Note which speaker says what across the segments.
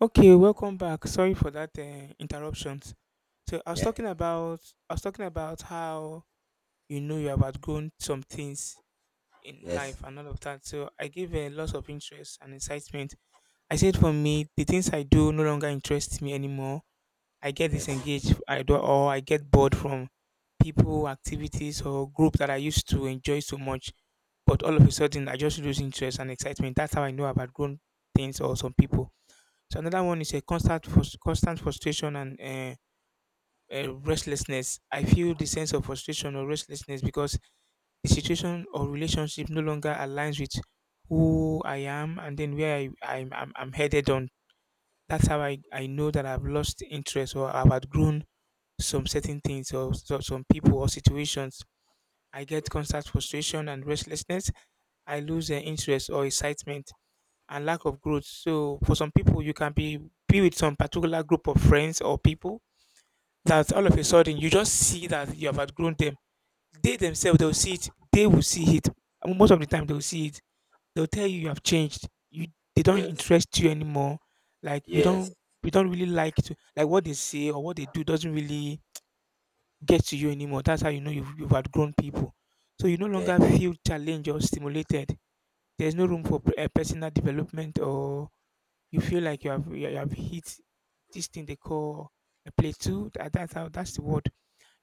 Speaker 1: Okay, welcome back. Sorry for that interruptions. So I was
Speaker 2: Yeah.
Speaker 1: talking about how you know you have outgrown some things in
Speaker 2: Yes.
Speaker 1: life and all of that. So I gave a lot of interest and excitement. I said for me, the things I do no longer interest me anymore. I get
Speaker 2: Yes.
Speaker 1: disengaged. I do or I get bored from people, activities, or group that I used to enjoy so much. But all of a sudden, I just lose interest and excitement. That's how I know I've outgrown things or some people. So another one is a constant constant frustration and restlessness. I feel the sense of frustration or restlessness because the situation or relationship no longer aligns with who I am and then where I, I'm headed on. That's how I know that I've lost interest or I've outgrown some certain things or some people or situations. I get constant frustration and restlessness. I lose interest or excitement and lack of growth. So for some people, you can be with some particular group of friends or people that all of
Speaker 2: Hmm.
Speaker 1: a sudden you just see that you have outgrown them. They themselves they'll see it. They will see it. And most of the time they'll see it. They'll tell you you have changed. You they don't
Speaker 2: Yes.
Speaker 1: interest you anymore. Like
Speaker 2: Yes.
Speaker 1: you don't really like to like what they say or what they do doesn't really get to you anymore. That's how you know you've outgrown people. So you no
Speaker 2: Yeah.
Speaker 1: longer feel challenged or stimulated. There's no room for a personal development or you feel like you have hit this thing they call a plateau. That, that's how that's the word.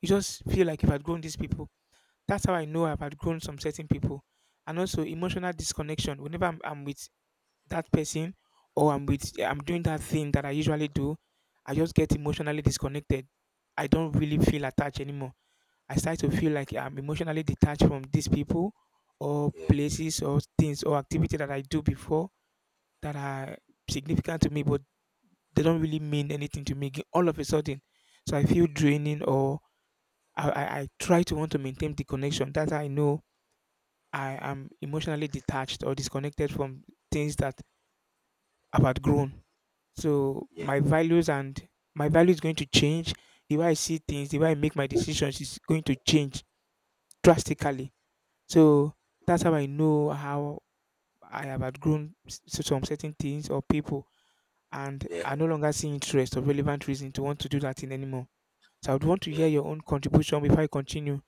Speaker 1: You just feel like you've outgrown these people. That's how I know I've outgrown some certain people. And also emotional disconnection. Whenever I'm with that person or I'm with I'm doing that thing that I usually do, I just get emotionally disconnected. I don't really feel attached anymore. I start to feel like I'm emotionally detached from these people or
Speaker 2: Yeah.
Speaker 1: places or things or activity that I do before that are significant to me, but they don't really mean anything to me all of a sudden. So I feel draining or I try to want to maintain the connection. That's how I know I am emotionally detached or disconnected from things that I've outgrown. So
Speaker 2: Yeah.
Speaker 1: my values and my value is going to change. The way I see things, the way I make my decisions is going to change drastically. So that's how I know how I have outgrown some certain things or people and
Speaker 2: Yeah.
Speaker 1: I no longer see interest or relevant reason to want to do that thing anymore. So I would want to
Speaker 2: Yeah.
Speaker 1: hear your own contribution before I continue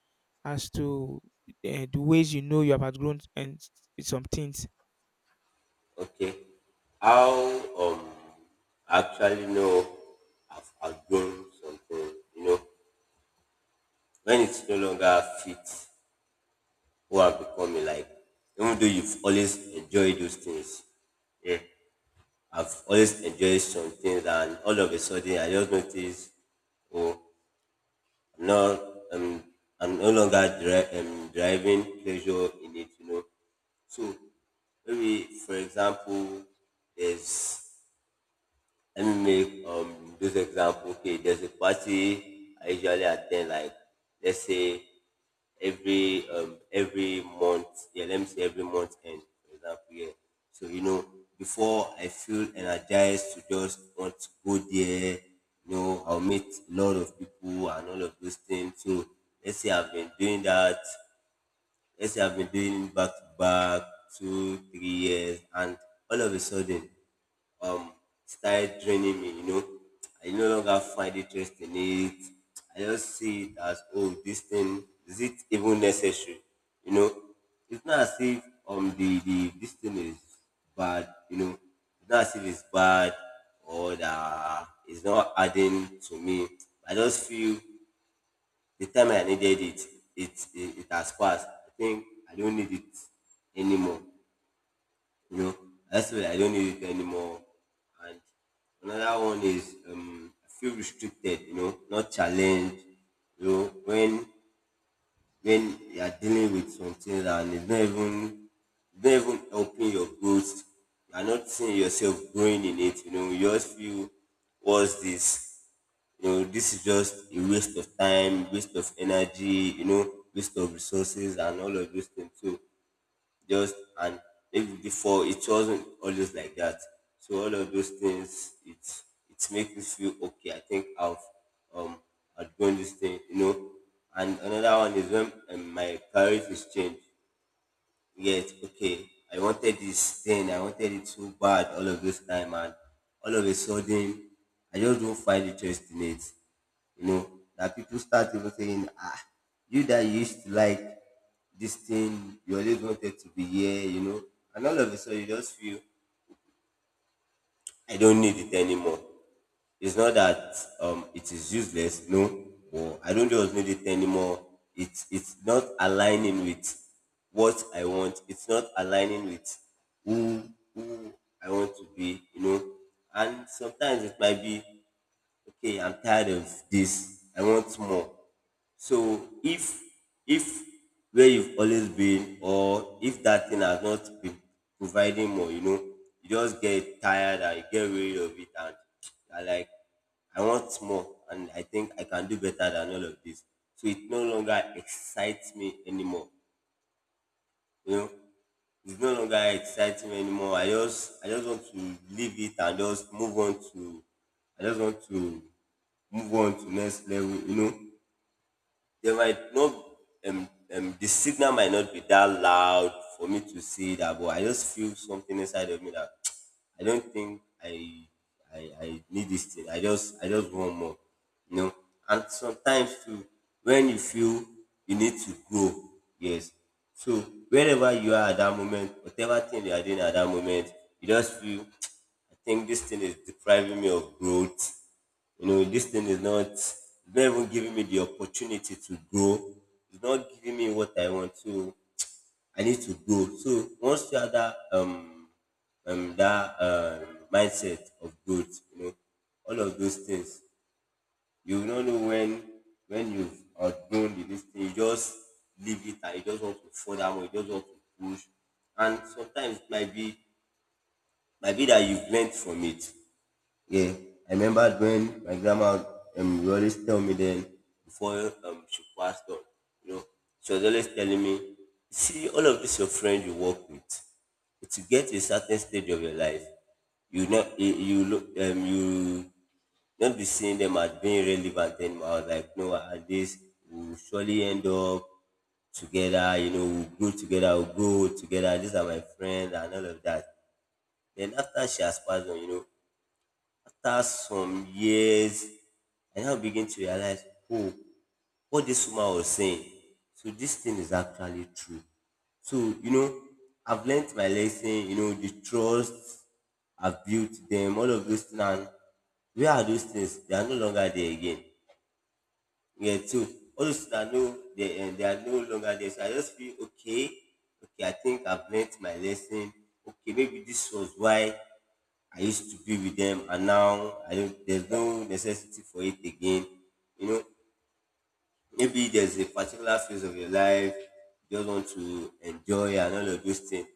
Speaker 1: as to the ways you know you have outgrown and some things.
Speaker 2: Okay. How um actually know I've outgrown something, when it's no longer fit who I've become in life. Even though you've always enjoyed those things. Yeah. I've always enjoyed some things, and all of a sudden I just noticed, oh no, I'm no longer driving pleasure in it. So maybe, for example, there's let me make those example. Okay, there's a party I usually attend, like let's say every month. Yeah, let me say every month end, for example. Yeah. So before I feel energized to just want to go there, I'll meet a lot of people and all of those things. So let's say I've been doing that. Let's say I've been doing it back to back 2, 3 years, and all of a sudden um started draining me. I no longer find interest in it. I just see it as, oh, this thing, is it even necessary? You know, it's not as if the this thing is bad, it's not as if it's bad or that it's not adding to me. I just feel the time I needed it, it has passed. I think I don't need it anymore you know that's why I don't use it anymore. And another one is, I feel restricted, not challenged. You know when when you are dealing with something and it's not even helping your growth, you are not seeing yourself growing in it. You just feel, what's this? This is just a waste of time, waste of energy, waste of resources, and all of those things. So just, and maybe before it wasn't always like that, so all of those things, it makes me feel, okay, I think I've um outgrown this thing. And another one is when, my priorities change. Yet, okay, I wanted this thing, I wanted it so bad all of this time, and all of a sudden, I just don't find interest in it. You know, that people start even saying, ah, you that used to like this thing, you always wanted to be here, and all of a sudden, you just feel, I don't need it anymore. It's not that it is useless, no, or I don't just need it anymore. It's not aligning with what I want. It's not aligning with who who I want to be. And sometimes it might be, okay, I'm tired of this. I want more. So if where you've always been, or if that thing has not been providing more, you just get tired and you get rid of it, and you're like, I want more, and I think I can do better than all of this. So it no longer excites me anymore. You know, it's no longer exciting anymore. I just, want to leave it and just move on to I just want to move on to next level. There might not um, the signal might not be that loud for me to see that, but I just feel something inside of me that I don't think I need this thing. I just want more. You know? And sometimes too, when you feel you need to grow, yes. So wherever you are at that moment, whatever thing you are doing at that moment, you just feel, I think this thing is depriving me of growth. This thing is not, it's not even giving me the opportunity to grow. It's not giving me what I want to. I need to grow. So once you have that mindset of growth, all of those things, you will not know when you've outgrown the this thing. You just leave it and you just want to further more. You just want to push, and sometimes it might be, that you've learned from it, yeah. I remember when my grandma would always tell me then, before she passed on, you know, she was always telling me, see all of this your friend you work with, to get to a certain stage of your life, you not you you look you not be seeing them as being relevant anymore. I was like, no, at least we'll surely end up together, we'll grow together, we'll go together, these are my friends and all of that. Then after she has passed on, after some years, I now begin to realize, oh, what this woman was saying. So this thing is actually true. So, you know, I've learnt my lesson, the trust I've built them, all of those things. And where are those things? They are no longer there again. Yeah, so all those things are no, they are no longer there. So I just feel okay. Okay, I think I've learnt my lesson. Okay, maybe this was why I used to be with them, and now I don't, there's no necessity for it again. You know, Maybe there's a particular phase of your life you just want to enjoy and all of those things,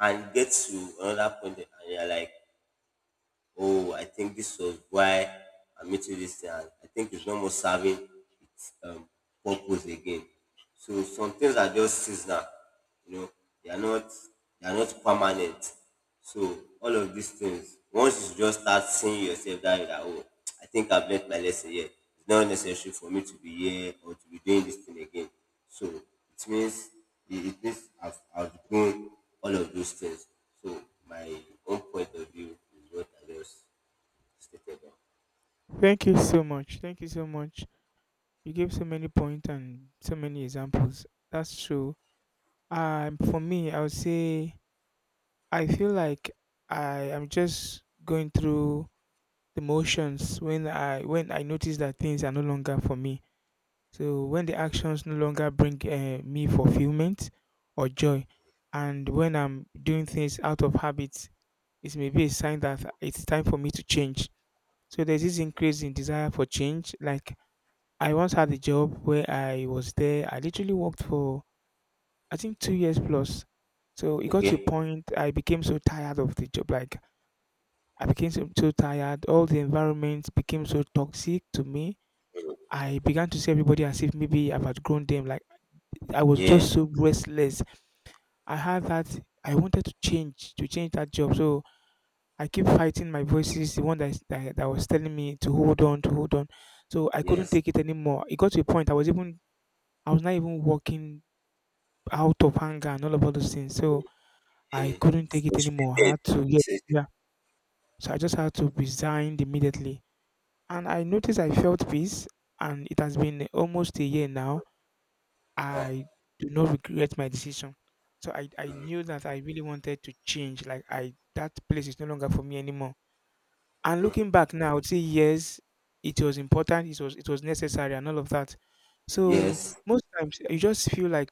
Speaker 2: and get to another point, and you're like, oh, I think this was why I'm eating this thing. And I think it's not more serving its purpose again. So some things are just seasonal, you know, they are not permanent. So all of these things, once you just start seeing yourself that way, that, oh, I think I've learnt my lesson here. It's not necessary for me to be here or to be doing this thing again. So it means, it means I've outgrown all of those things. So my own point of view is what I just stated now.
Speaker 1: Thank you so much. Thank you so much. You gave so many points and so many examples. That's true. For me, I would say I feel like I am just going through the motions when I notice that things are no longer for me. So when the actions no longer bring me fulfillment or joy, and when I'm doing things out of habit, it may be a sign that it's time for me to change. So there's this increase in desire for change. Like I once had a job where I was there. I literally worked for I think 2 years plus. So it got to a
Speaker 2: Okay?
Speaker 1: point I became so tired of the job. Like I became so, so tired. All the environment became so toxic to me. I began to see everybody as if maybe I've outgrown them. Like I was
Speaker 2: Yeah,
Speaker 1: just so restless. I had that I wanted to change that job. So I keep fighting my voices, the one that, that that was telling me to hold on, to hold on. So I couldn't
Speaker 2: yes,
Speaker 1: take it anymore. It got to a point I was even I was not even working out of anger and all of all those things. So I
Speaker 2: yeah,
Speaker 1: couldn't
Speaker 2: it's
Speaker 1: take it anymore. I
Speaker 2: frustrated.
Speaker 1: had to yeah,
Speaker 2: Says it.
Speaker 1: yeah. So I just had to resign immediately. And I noticed I felt peace and it has been almost a year now
Speaker 2: Uh,
Speaker 1: I do not regret my decision. So I knew that I really wanted to change. Like I that place is no longer for me anymore. And looking back now, I would say yes, it was important, it was necessary and all of that. So
Speaker 2: yes,
Speaker 1: most times you just feel like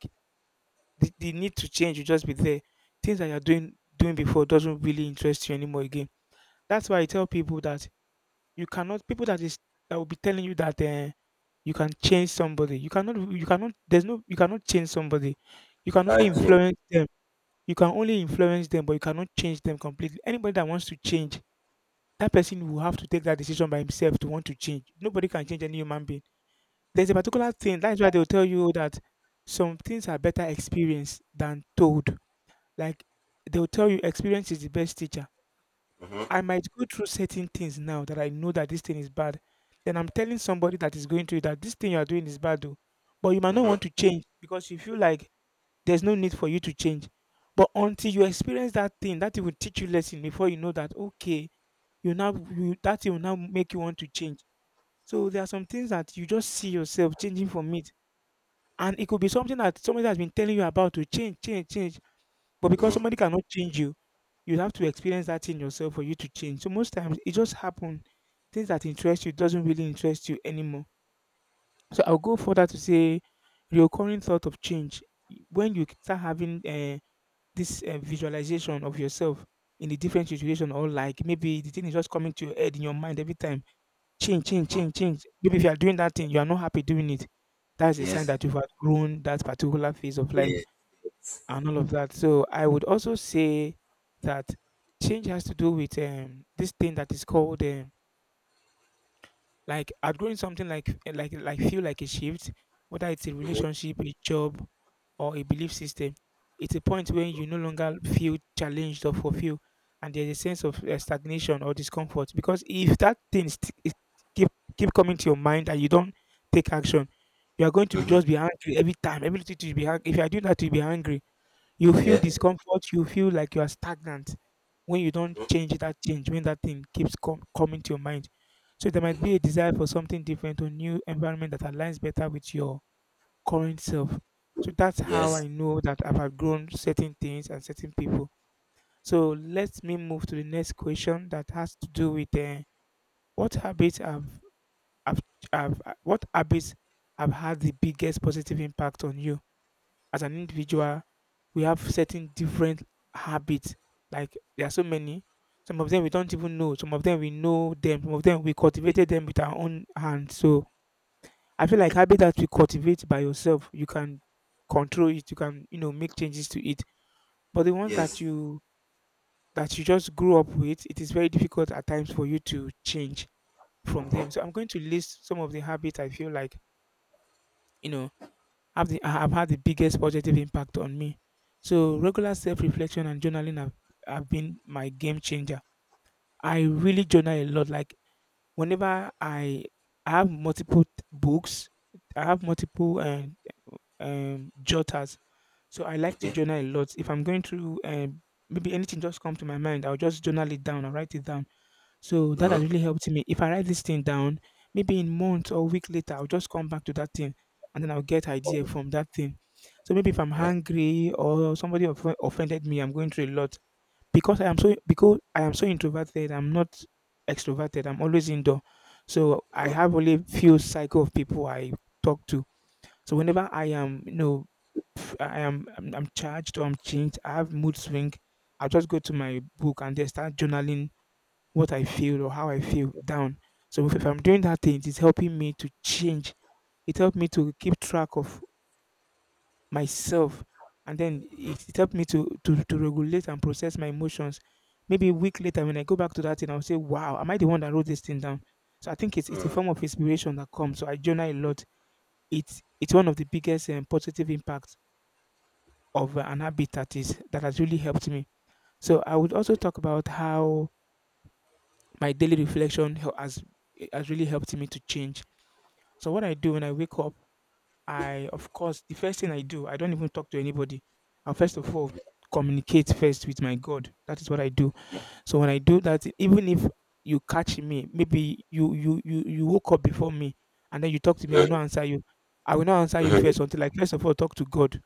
Speaker 1: the need to change will just be there. Things that you're doing before doesn't really interest you anymore again. That's why I tell people that you cannot people that is that will be telling you that you can change somebody. You cannot there's no you cannot change somebody. You
Speaker 2: you
Speaker 1: can only
Speaker 2: can't change.
Speaker 1: influence them. You can only influence them, but you cannot change them completely. Anybody that wants to change, that person will have to take that decision by himself to want to change. Nobody can change any human being. There's a
Speaker 2: Yes.
Speaker 1: particular thing. That's why they'll tell you that some things are better experienced than told. Like they'll tell you experience is the best teacher. I
Speaker 2: Mm-hmm,
Speaker 1: might go through certain things now that I know that this thing is bad. Then I'm telling somebody that is going through it that this thing you are doing is bad though. But you might not
Speaker 2: mm-hmm,
Speaker 1: want to change because you feel like there's no need for you to change. But until you experience that thing, that it will teach you lesson before you know that okay, you now you, that it will now make you want to change. So there are some things that you just see yourself changing from it. And it could be something that somebody has been telling you about to change, change, change but because
Speaker 2: mm-hmm,
Speaker 1: somebody cannot change you, you have to experience that thing yourself for you to change. So most times it just happen. Things that interest you doesn't really interest you anymore. So I'll go further to say recurring thought of change. When you start having this visualization of yourself in a different situation or like maybe the thing is just coming to your head in your mind every time. Change, change,
Speaker 2: mm-hmm.
Speaker 1: change, change. Maybe if you are doing that thing, you are not happy doing it. That's a sign
Speaker 2: Yes.
Speaker 1: that you've outgrown that particular phase of life
Speaker 2: Yes. Yes.
Speaker 1: and all of that. So I would also say that change has to do with this thing that is called like outgrowing something like eh, like feel like a shift, whether it's a relationship, a job, or a belief system. It's a point when you no longer feel challenged or fulfilled, and there's a sense of stagnation or discomfort. Because if that thing is keep keep coming to your mind and you don't take action, you are going to be,
Speaker 2: Mm-hmm, mm-hmm.
Speaker 1: just be angry every time. Every little thing you be angry. If you are doing that, you'll be angry you feel
Speaker 2: Yeah,
Speaker 1: discomfort, you feel like you are stagnant when you don't change that change, when that thing keeps coming to your mind. So there might be a desire for something different or new environment that aligns better with your current self. So that's how
Speaker 2: yes,
Speaker 1: I know that I've outgrown certain things and certain people. So let me move to the next question that has to do with what habits have, have what habits have had the biggest positive impact on you as an individual, we have certain different habits. Like there are so many. Some of them we don't even know. Some of them we know them. Some of them we cultivated them with our own hands. So I feel like habit that you cultivate by yourself, you can control it. You can you know make changes to it. But the ones
Speaker 2: yes.
Speaker 1: that you just grew up with, it is very difficult at times for you to change from
Speaker 2: Uh-huh.
Speaker 1: them. So I'm going to list some of the habits I feel like you know have the have had the biggest positive impact on me. So regular self-reflection and journaling have been my game changer. I really journal a lot. Like whenever I have multiple books, I have multiple jotters. So I like to
Speaker 2: Okay.
Speaker 1: journal a lot. If I'm going through maybe anything just come to my mind, I'll just journal it down. I'll write it down so that has
Speaker 2: Mm-hmm,
Speaker 1: really helped me. If I write this thing down, maybe in month or week later, I'll just come back to that thing and then I'll get idea from that thing. So maybe if I'm hungry or somebody offended me, I'm going through a lot because I am so introverted. I'm not extroverted. I'm always indoor. So I
Speaker 2: mm-hmm.
Speaker 1: have only few cycle of people I talk to. So whenever I am, I'm charged or I'm changed, I have mood swing. I'll just go to my book and then start journaling what I feel or how I feel down. So if I'm doing that thing, it is helping me to change. It helped me to keep track of myself. And then it helped me to regulate and process my emotions. Maybe a week later, when I go back to that thing, I'll say, wow, am I the one that wrote this thing down? So I think it's a form of inspiration that comes. So I journal a lot. It's one of the biggest positive impacts of an habit that has really helped me. So I would also talk about how my daily reflection has really helped me to change. So what I do when I wake up, I, of course, the first thing I do, I don't even talk to anybody. I first of all communicate first with my God. That is what I do.
Speaker 2: Yeah,
Speaker 1: So when I do that, even if you catch me, maybe you woke up before me and then you talk to me, I will not answer you. I will not answer you first until I first of all talk to God.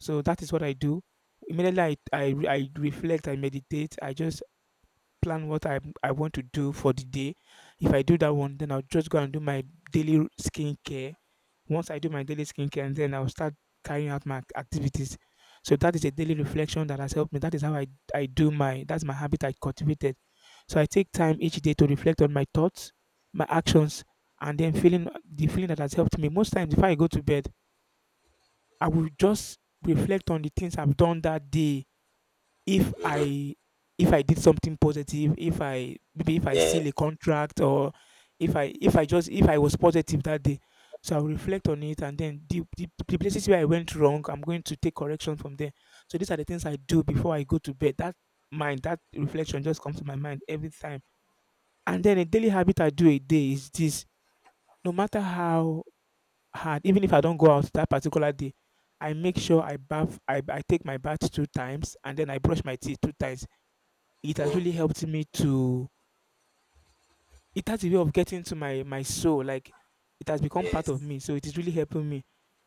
Speaker 1: So that is what I do. Immediately I reflect, I meditate, I just plan what I want to do for the day. If I do that one, then I'll just go and do my daily skincare. Once I do my daily skincare, and then I'll start carrying out my activities. So that is a daily reflection that has helped me. That is how that's my habit I cultivated. So I take time each day to reflect on my thoughts, my actions, and then feeling the feeling that has helped me. Most times, if I go to bed, I will just reflect on the things I've done that day. If I if I did something positive, if I, maybe if I
Speaker 2: yes,
Speaker 1: seal a contract or if I just if I was positive that day. So I'll reflect on it, and then the places where I went wrong, I'm going to take correction from there. So these are the things I do before I go to bed. That mind, that reflection just comes to my mind every time. And then a daily habit I do a day is this: no matter how hard, even if I don't go out that particular day, I make sure I bath, I take my bath 2 times and then I brush my teeth 2 times. It has
Speaker 2: oh,
Speaker 1: really helped me to, it has a way of getting to my soul, like it has become part of
Speaker 2: yes,
Speaker 1: me, so it is really helping me.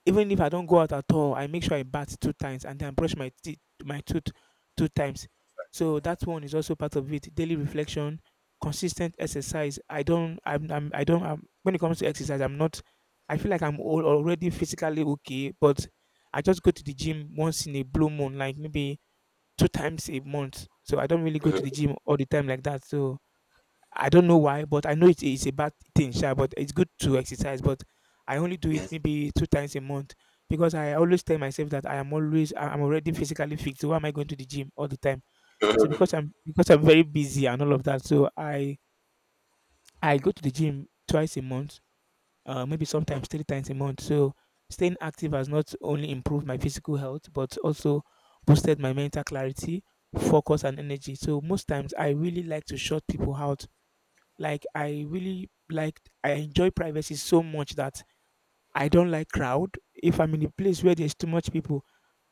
Speaker 1: Even if I don't go out at all, I make sure I bat 2 times and then brush my teeth, my tooth, 2 times. So that one is also part of it. Daily reflection, consistent exercise. I don't I'm I don't I'm, When it comes to exercise, I'm not, I feel like already physically okay, but I just go to the gym once in a blue moon, like maybe 2 times a month, so I don't really go to the gym all the time like that. So I don't know why, but I know it's a bad thing, sha, but it's good to exercise. But I only do it
Speaker 2: yes.
Speaker 1: maybe 2 times a month, because I always tell myself that I am always I'm already physically fit. So why am I going to the gym all the time? So because I'm very busy and all of that, so I go to the gym twice a month, maybe
Speaker 2: Uh-huh.
Speaker 1: sometimes 3 times a month. So staying active has not only improved my physical health, but also boosted my mental clarity, focus, and energy. So most times I really like to shut people out, like I really like I enjoy privacy so much that I don't like crowd. If I'm in a place where there's too much people,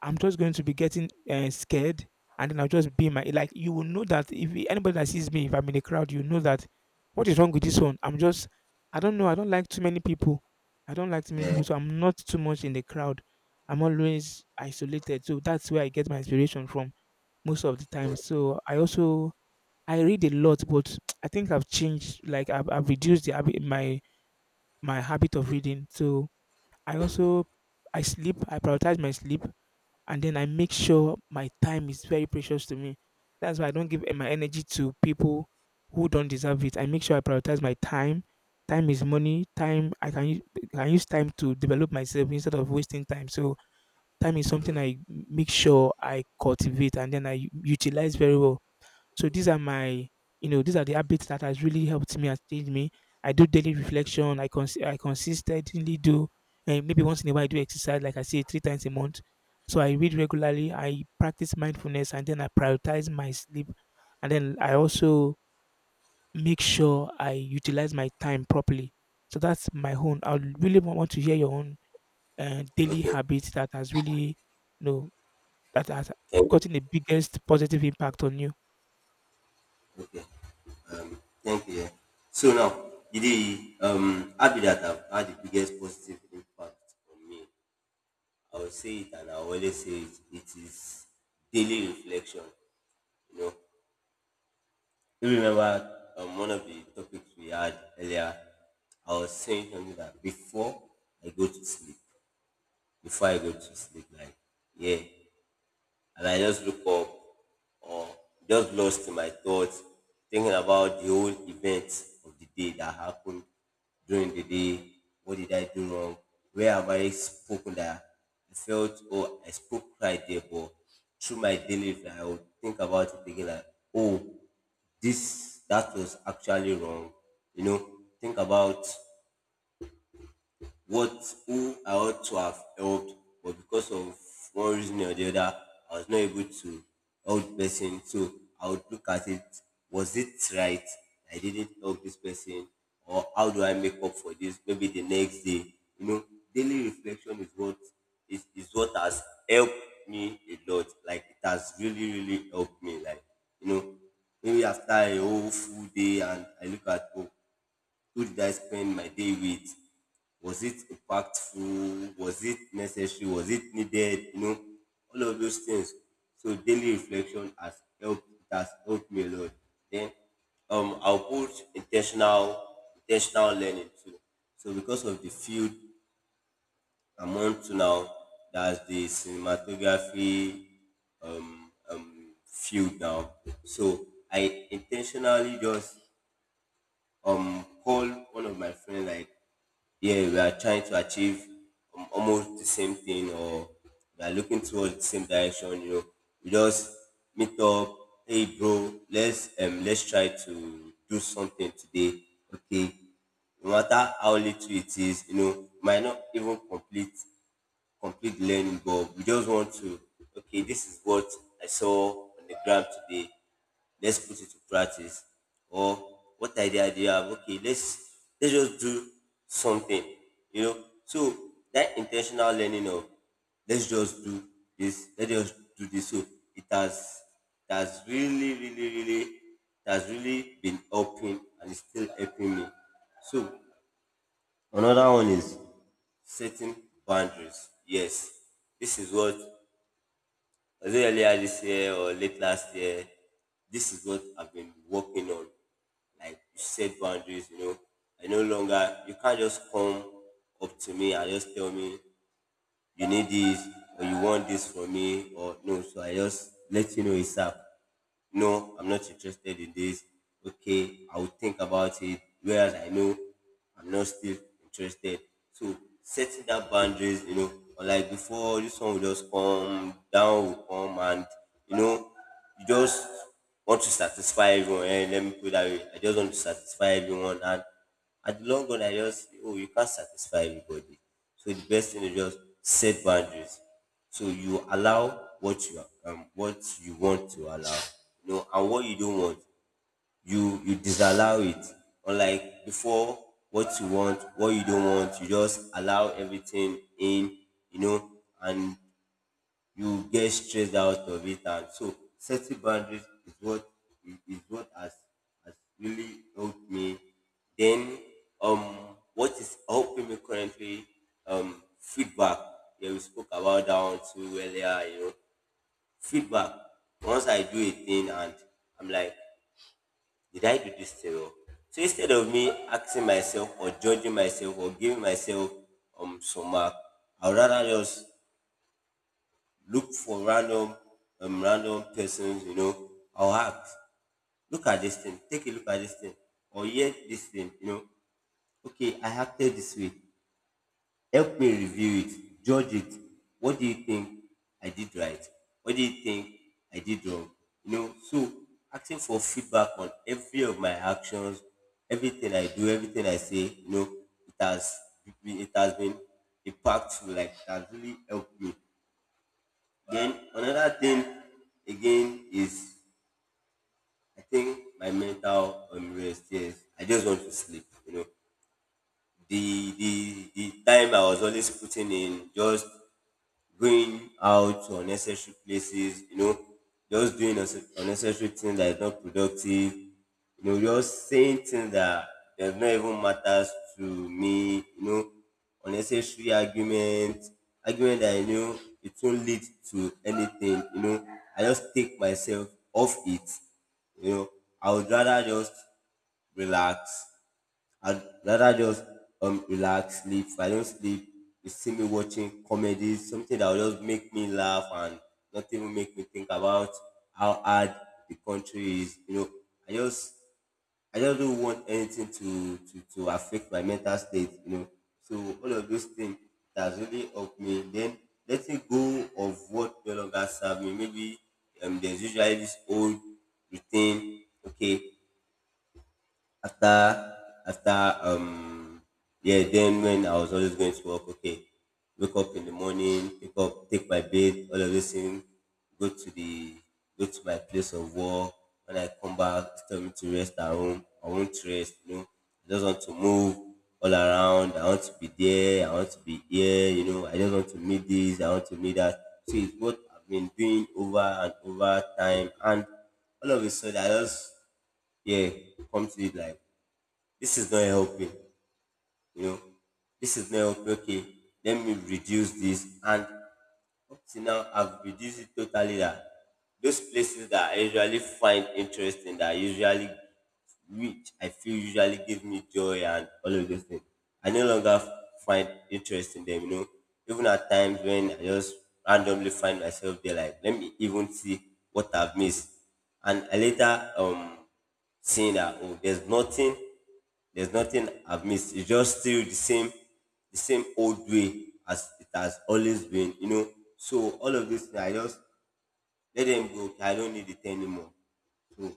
Speaker 1: I'm just going to be getting scared, and then I'll just be in my like. You will know that if anybody that sees me, if I'm in a crowd, you know that what is wrong with this one. I'm just, I don't know. I don't like too many people. I don't like too many
Speaker 2: Yeah,
Speaker 1: people, so I'm not too much in the crowd. I'm always isolated, so that's where I get my inspiration from most of the time. So I also, I read a lot, but I think I've changed. Like I've reduced the habit, my habit of reading. So I also, I sleep. I prioritize my sleep, and then I make sure my time is very precious to me. That's why I don't give my energy to people who don't deserve it. I make sure I prioritize my time. Time is money. Time I can use time to develop myself instead of wasting time. So time is something I make sure I cultivate and then I utilize very well. So these are my, the habits that has really helped me and changed me. I do daily reflection. I I consistently do, and maybe once in a while I do exercise, like I say, 3 times a month. So I read regularly, I practice mindfulness, and then I prioritize my sleep, and then I also make sure I utilize my time properly. So that's my own. I would really want to hear your own daily
Speaker 2: okay.
Speaker 1: habits that has really, you know, that has
Speaker 2: Thank you.
Speaker 1: gotten the biggest positive impact on you.
Speaker 2: Okay. Um, Thank you. Yeah. So now, the app that have had the biggest positive impact on me, I will say it and I will always say it, it is daily reflection. You know, you remember, one of the topics we had earlier, I was saying something that before I go to sleep, before I go to sleep, like, yeah, and I just look up or just lost in my thoughts, thinking about the whole events of the day that happened during the day. What did I do wrong? Where have I spoken that I felt, oh, I spoke right there, but through my daily life, I would think about it, thinking like, oh, this, that was actually wrong. You know, think about, what, who I ought to have helped, but because of one reason or the other, I was not able to help the person. So I would look at it: was it right? I didn't help this person, or how do I make up for this? Maybe the next day, you know, daily reflection is what has helped me a lot. Like it has really, really helped me. Like you know, maybe after a whole full day, and I look at, oh, who did I spend my day with? Was it impactful? Was it necessary? Was it needed? All of those things. So daily reflection has helped me a lot. Then I'll put intentional learning too. So because of the field I'm on to now, that's the cinematography field now. So I intentionally just call one of my friends, like, yeah, we are trying to achieve, almost the same thing, or we are looking towards the same direction. We just meet up, hey bro, let's try to do something today. Okay. No matter how little it is, might not even complete learning, but we just want to, okay, this is what I saw on the ground today. Let's put it to practice. Or what idea do you have? Okay, let's just do something. So that intentional learning of let's just do this, let's just do this. So it has it has really, really, really it has really been helping, and it's still helping me. So another one is setting boundaries. Yes, this is what was it earlier this year or late last year. This is what I've been working on. Like, you set boundaries. I no longer you can't just come up to me and just tell me you need this or you want this from me or no. So I just let you know it's up no, I'm not interested in this. Okay, I'll think about it. Whereas I know I'm not still interested. So setting that boundaries, you know, unlike before, this one will just come, down will come, and you know, you just want to satisfy everyone. And let me put it that way. I just want to satisfy everyone, and at the long run, I just feel, oh, you can't satisfy everybody. So the best thing is just set boundaries. So you allow what you want to allow, you know, and what you don't want, you disallow it. Unlike before, what you want, what you don't want, you just allow everything in, you know, and you get stressed out of it. And so setting boundaries is what has really helped me. Then um what is helping me currently, feedback. Yeah, we spoke about that one too earlier. Feedback, once I do a thing and I'm like, did I do this thing well? So instead of me asking myself or judging myself or giving myself some mark, I would rather just look for random random persons, you know, I'll act. Look at this thing. Take a look at this thing. Or hear this thing, you know. Okay, I acted this way. Help me review it, judge it. What do you think I did right? What do you think I did wrong? You know, so asking for feedback on every of my actions, everything I do, everything I say, you know, it has it has been impactful, like it has really helped me. Then another thing again is I think my mental unrest. Yes, I just want to sleep. You know, the the time I was always putting in just going out to unnecessary places, you know, just doing unnecessary things that is not productive, you know, just saying things that does not even matters to me, you know, unnecessary argument, argument that you know it won't lead to anything, you know. I just take myself off it, you know. I would rather just relax, I'd rather just relax, sleep. If I don't sleep, you see me watching comedies, something that will just make me laugh and not even make me think about how hard the country is. You know, I just I just don't want anything to affect my mental state, you know. So all of those things that's really helped me. Then letting go of what no longer serve me. Maybe there's usually this old routine. Okay, after after yeah, then when I was always going to work, okay, wake up in the morning, pick up, take my bath, all of this thing, go to the go to my place of work. When I come back, it's tell me to rest at home, I won't rest, you know, I just want to move all around, I want to be there, I want to be here, you know, I just want to meet this, I want to meet that. So it's what I've been doing over and over time, and all of a sudden I just yeah come to it like this is not helping, you know, this is not helping. Okay, let me reduce this. And up till now I've reduced it totally, that those places that I usually find interesting, that I usually which I feel usually give me joy and all of those things, I no longer find interest in them, you know. Even at times when I just randomly find myself there, like let me even see what I've missed, and I later seeing that, oh, there's nothing I've missed. It's just still the same old way as it has always been, you know. So all of these things, I just let them go. Okay, I don't need it anymore. So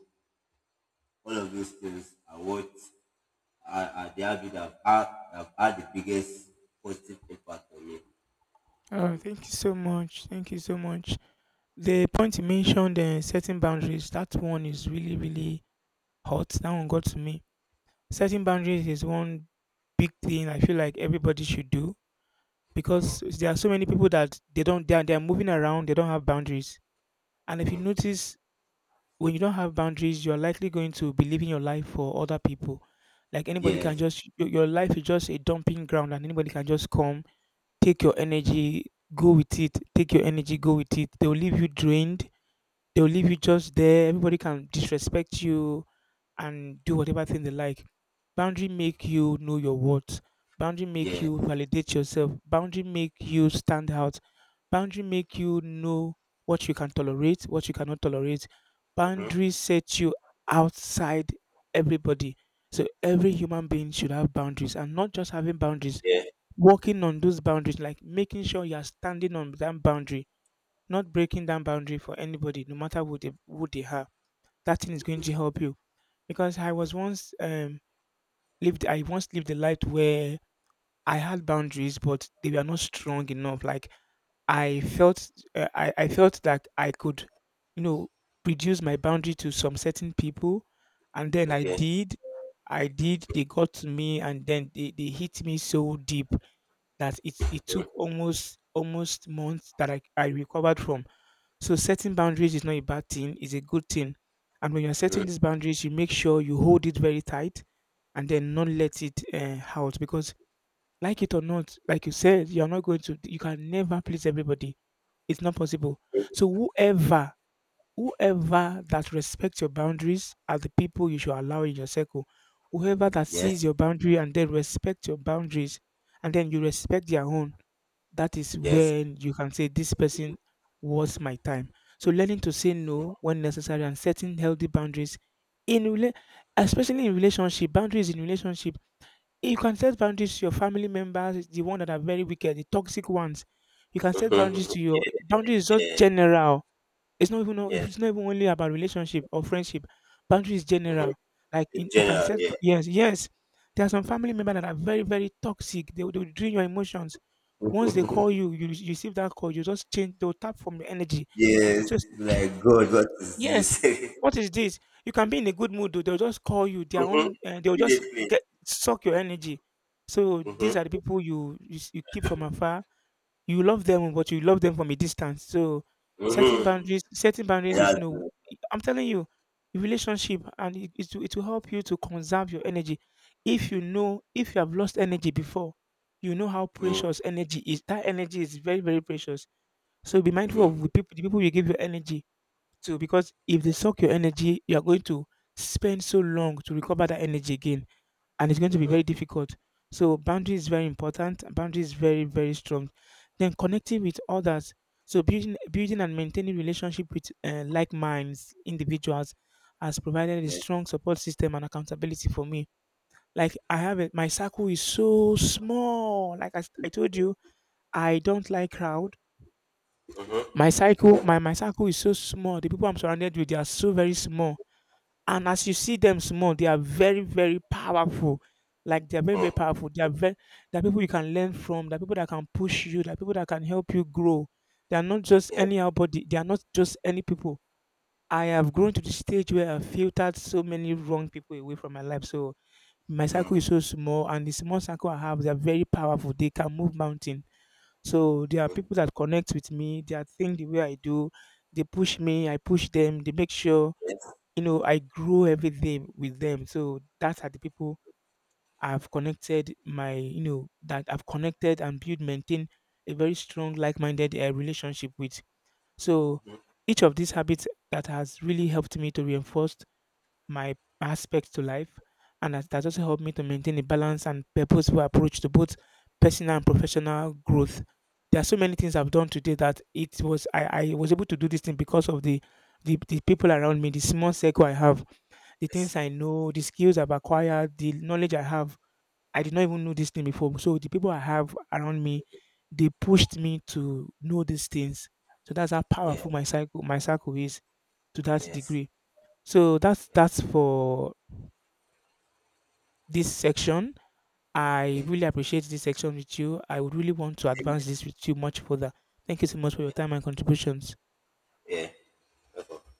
Speaker 2: all of those things are are the habit that have had the biggest positive impact on me. Thank
Speaker 1: Oh,
Speaker 2: you.
Speaker 1: thank you so much. Thank you so much. The point you mentioned, setting boundaries, that one is really, really hot. That one got to me. Setting boundaries is one big thing I feel like everybody should do, because there are so many people that they don't, they are moving around, they don't have boundaries. And if you notice, when you don't have boundaries, you're likely going to be living your life for other people. Like anybody can
Speaker 2: Yes.
Speaker 1: just, your life is just a dumping ground and anybody can just come. Take your energy, go with it. Take your energy, go with it. They'll leave you drained. They'll leave you just there. Everybody can disrespect you and do whatever thing they like. Boundary make you know your worth. Boundary make
Speaker 2: Yes.
Speaker 1: you validate yourself. Boundary make you stand out. Boundary make you know what you can tolerate, what you cannot tolerate.
Speaker 2: Mm-hmm.
Speaker 1: Boundary set you outside everybody. So every human being should have boundaries, and not just having boundaries,
Speaker 2: Yeah.
Speaker 1: working on those boundaries, like making sure you're standing on that boundary, not breaking that boundary for anybody, no matter who they are. That thing is going to help you. Because I was once lived I once lived a life where I had boundaries, but they were not strong enough. Like I felt I felt that I could, you know, reduce my boundary to some certain people, and then
Speaker 2: Okay.
Speaker 1: I did. They got to me, and then they hit me so deep that it took almost months that I recovered from. So setting boundaries is not a bad thing, it's a good thing. And when you're setting these boundaries, you make sure you hold it very tight and then not let it out, because like it or not, like you said, you're not going to you can never please everybody. It's not possible. So whoever that respects your boundaries are the people you should allow in your circle. Whoever that sees
Speaker 2: Yes.
Speaker 1: your boundary and then respect your boundaries, and then you respect their own, that is
Speaker 2: Yes.
Speaker 1: when you can say this person was my time. So learning to say no when necessary and setting healthy boundaries in especially in relationship, boundaries in relationship. You can set boundaries to your family members, the ones that are very wicked, the toxic ones. You can set boundaries
Speaker 2: Mm-hmm.
Speaker 1: to your
Speaker 2: Yes.
Speaker 1: boundaries is just general. It's not even
Speaker 2: Mm-hmm. Yes.
Speaker 1: it's not even only about relationship or friendship. Boundaries
Speaker 2: Mm-hmm.
Speaker 1: general. Like in, you can
Speaker 2: General.
Speaker 1: set
Speaker 2: Yeah.
Speaker 1: yes, yes. There are some family members that are very, very toxic. They, they will drain your emotions once they call you, you receive that call, you just change, they'll tap from your energy.
Speaker 2: Yes.
Speaker 1: So, it's-
Speaker 2: Like God, what is
Speaker 1: yes,
Speaker 2: this?
Speaker 1: what is this? You can be in a good mood, though, they'll just call you, their
Speaker 2: Mhm.
Speaker 1: own, they'll just
Speaker 2: Immediately.
Speaker 1: suck your energy. So, these are the
Speaker 2: Mhm.
Speaker 1: people you keep from afar. You love them, but you love them from a distance. So
Speaker 2: Mhm.
Speaker 1: setting boundaries
Speaker 2: Yeah.
Speaker 1: is no. I'm telling you, relationship, and it will help you to conserve your energy. If you know, if you have lost energy before, you know how
Speaker 2: Mhm.
Speaker 1: precious energy is. That energy is very, very precious. So be mindful of
Speaker 2: Mhm.
Speaker 1: the people you give your energy to, because if they
Speaker 2: Yes.
Speaker 1: suck your energy, you are going to spend so long to recover that energy again, and it's going to be very difficult. So boundary is very important. And Boundary is very, very strong. Then connecting with others. So building and maintaining relationship with like minds individuals has provided a
Speaker 2: Yes.
Speaker 1: strong support system and accountability for me. Like I have it, my circle is so small. I told you, I don't like crowd. My circle, my circle is so small. The people I'm surrounded with, they are so very small, and as you see them small, they are very, very powerful. Like they are very,
Speaker 2: Mm.
Speaker 1: very powerful. They are very, they are people you can learn from, they are people that can push you, they are people that can help you grow. They are not just
Speaker 2: Yes.
Speaker 1: anyhow body, they are not just any people. I have grown to the stage where I've filtered so many wrong people away from my life. So my circle is so small, and the small circle I have, they are very powerful. They can move mountain. So there are people that connect with me, they are think the way I do, they push me, I push them, they make sure,
Speaker 2: Yes.
Speaker 1: you know, I grow everything with them. So that's are the people I've connected my, you know, that I've connected and build, maintain a very strong, like-minded relationship with. So each of these habits that has really helped me to reinforce my aspects to life, and that also helped me to maintain a balance and purposeful approach to both personal and professional growth. There are so many things I've done today that it was I was able to do this thing because of the people around me, the small circle I have, the things
Speaker 2: Yes.
Speaker 1: I know, the skills I've acquired, the knowledge I have. I did not even know this thing before. So the people I have around me, they pushed me to know these things. So that's how
Speaker 2: Yes.
Speaker 1: powerful my circle is to that
Speaker 2: Yes.
Speaker 1: degree. So that's for this section. I
Speaker 2: Okay.
Speaker 1: really appreciate this section with you. I would really want to
Speaker 2: Same.
Speaker 1: advance this with you much further. Thank you so much for your
Speaker 2: Yeah.
Speaker 1: time and contributions.
Speaker 2: Yeah. Okay.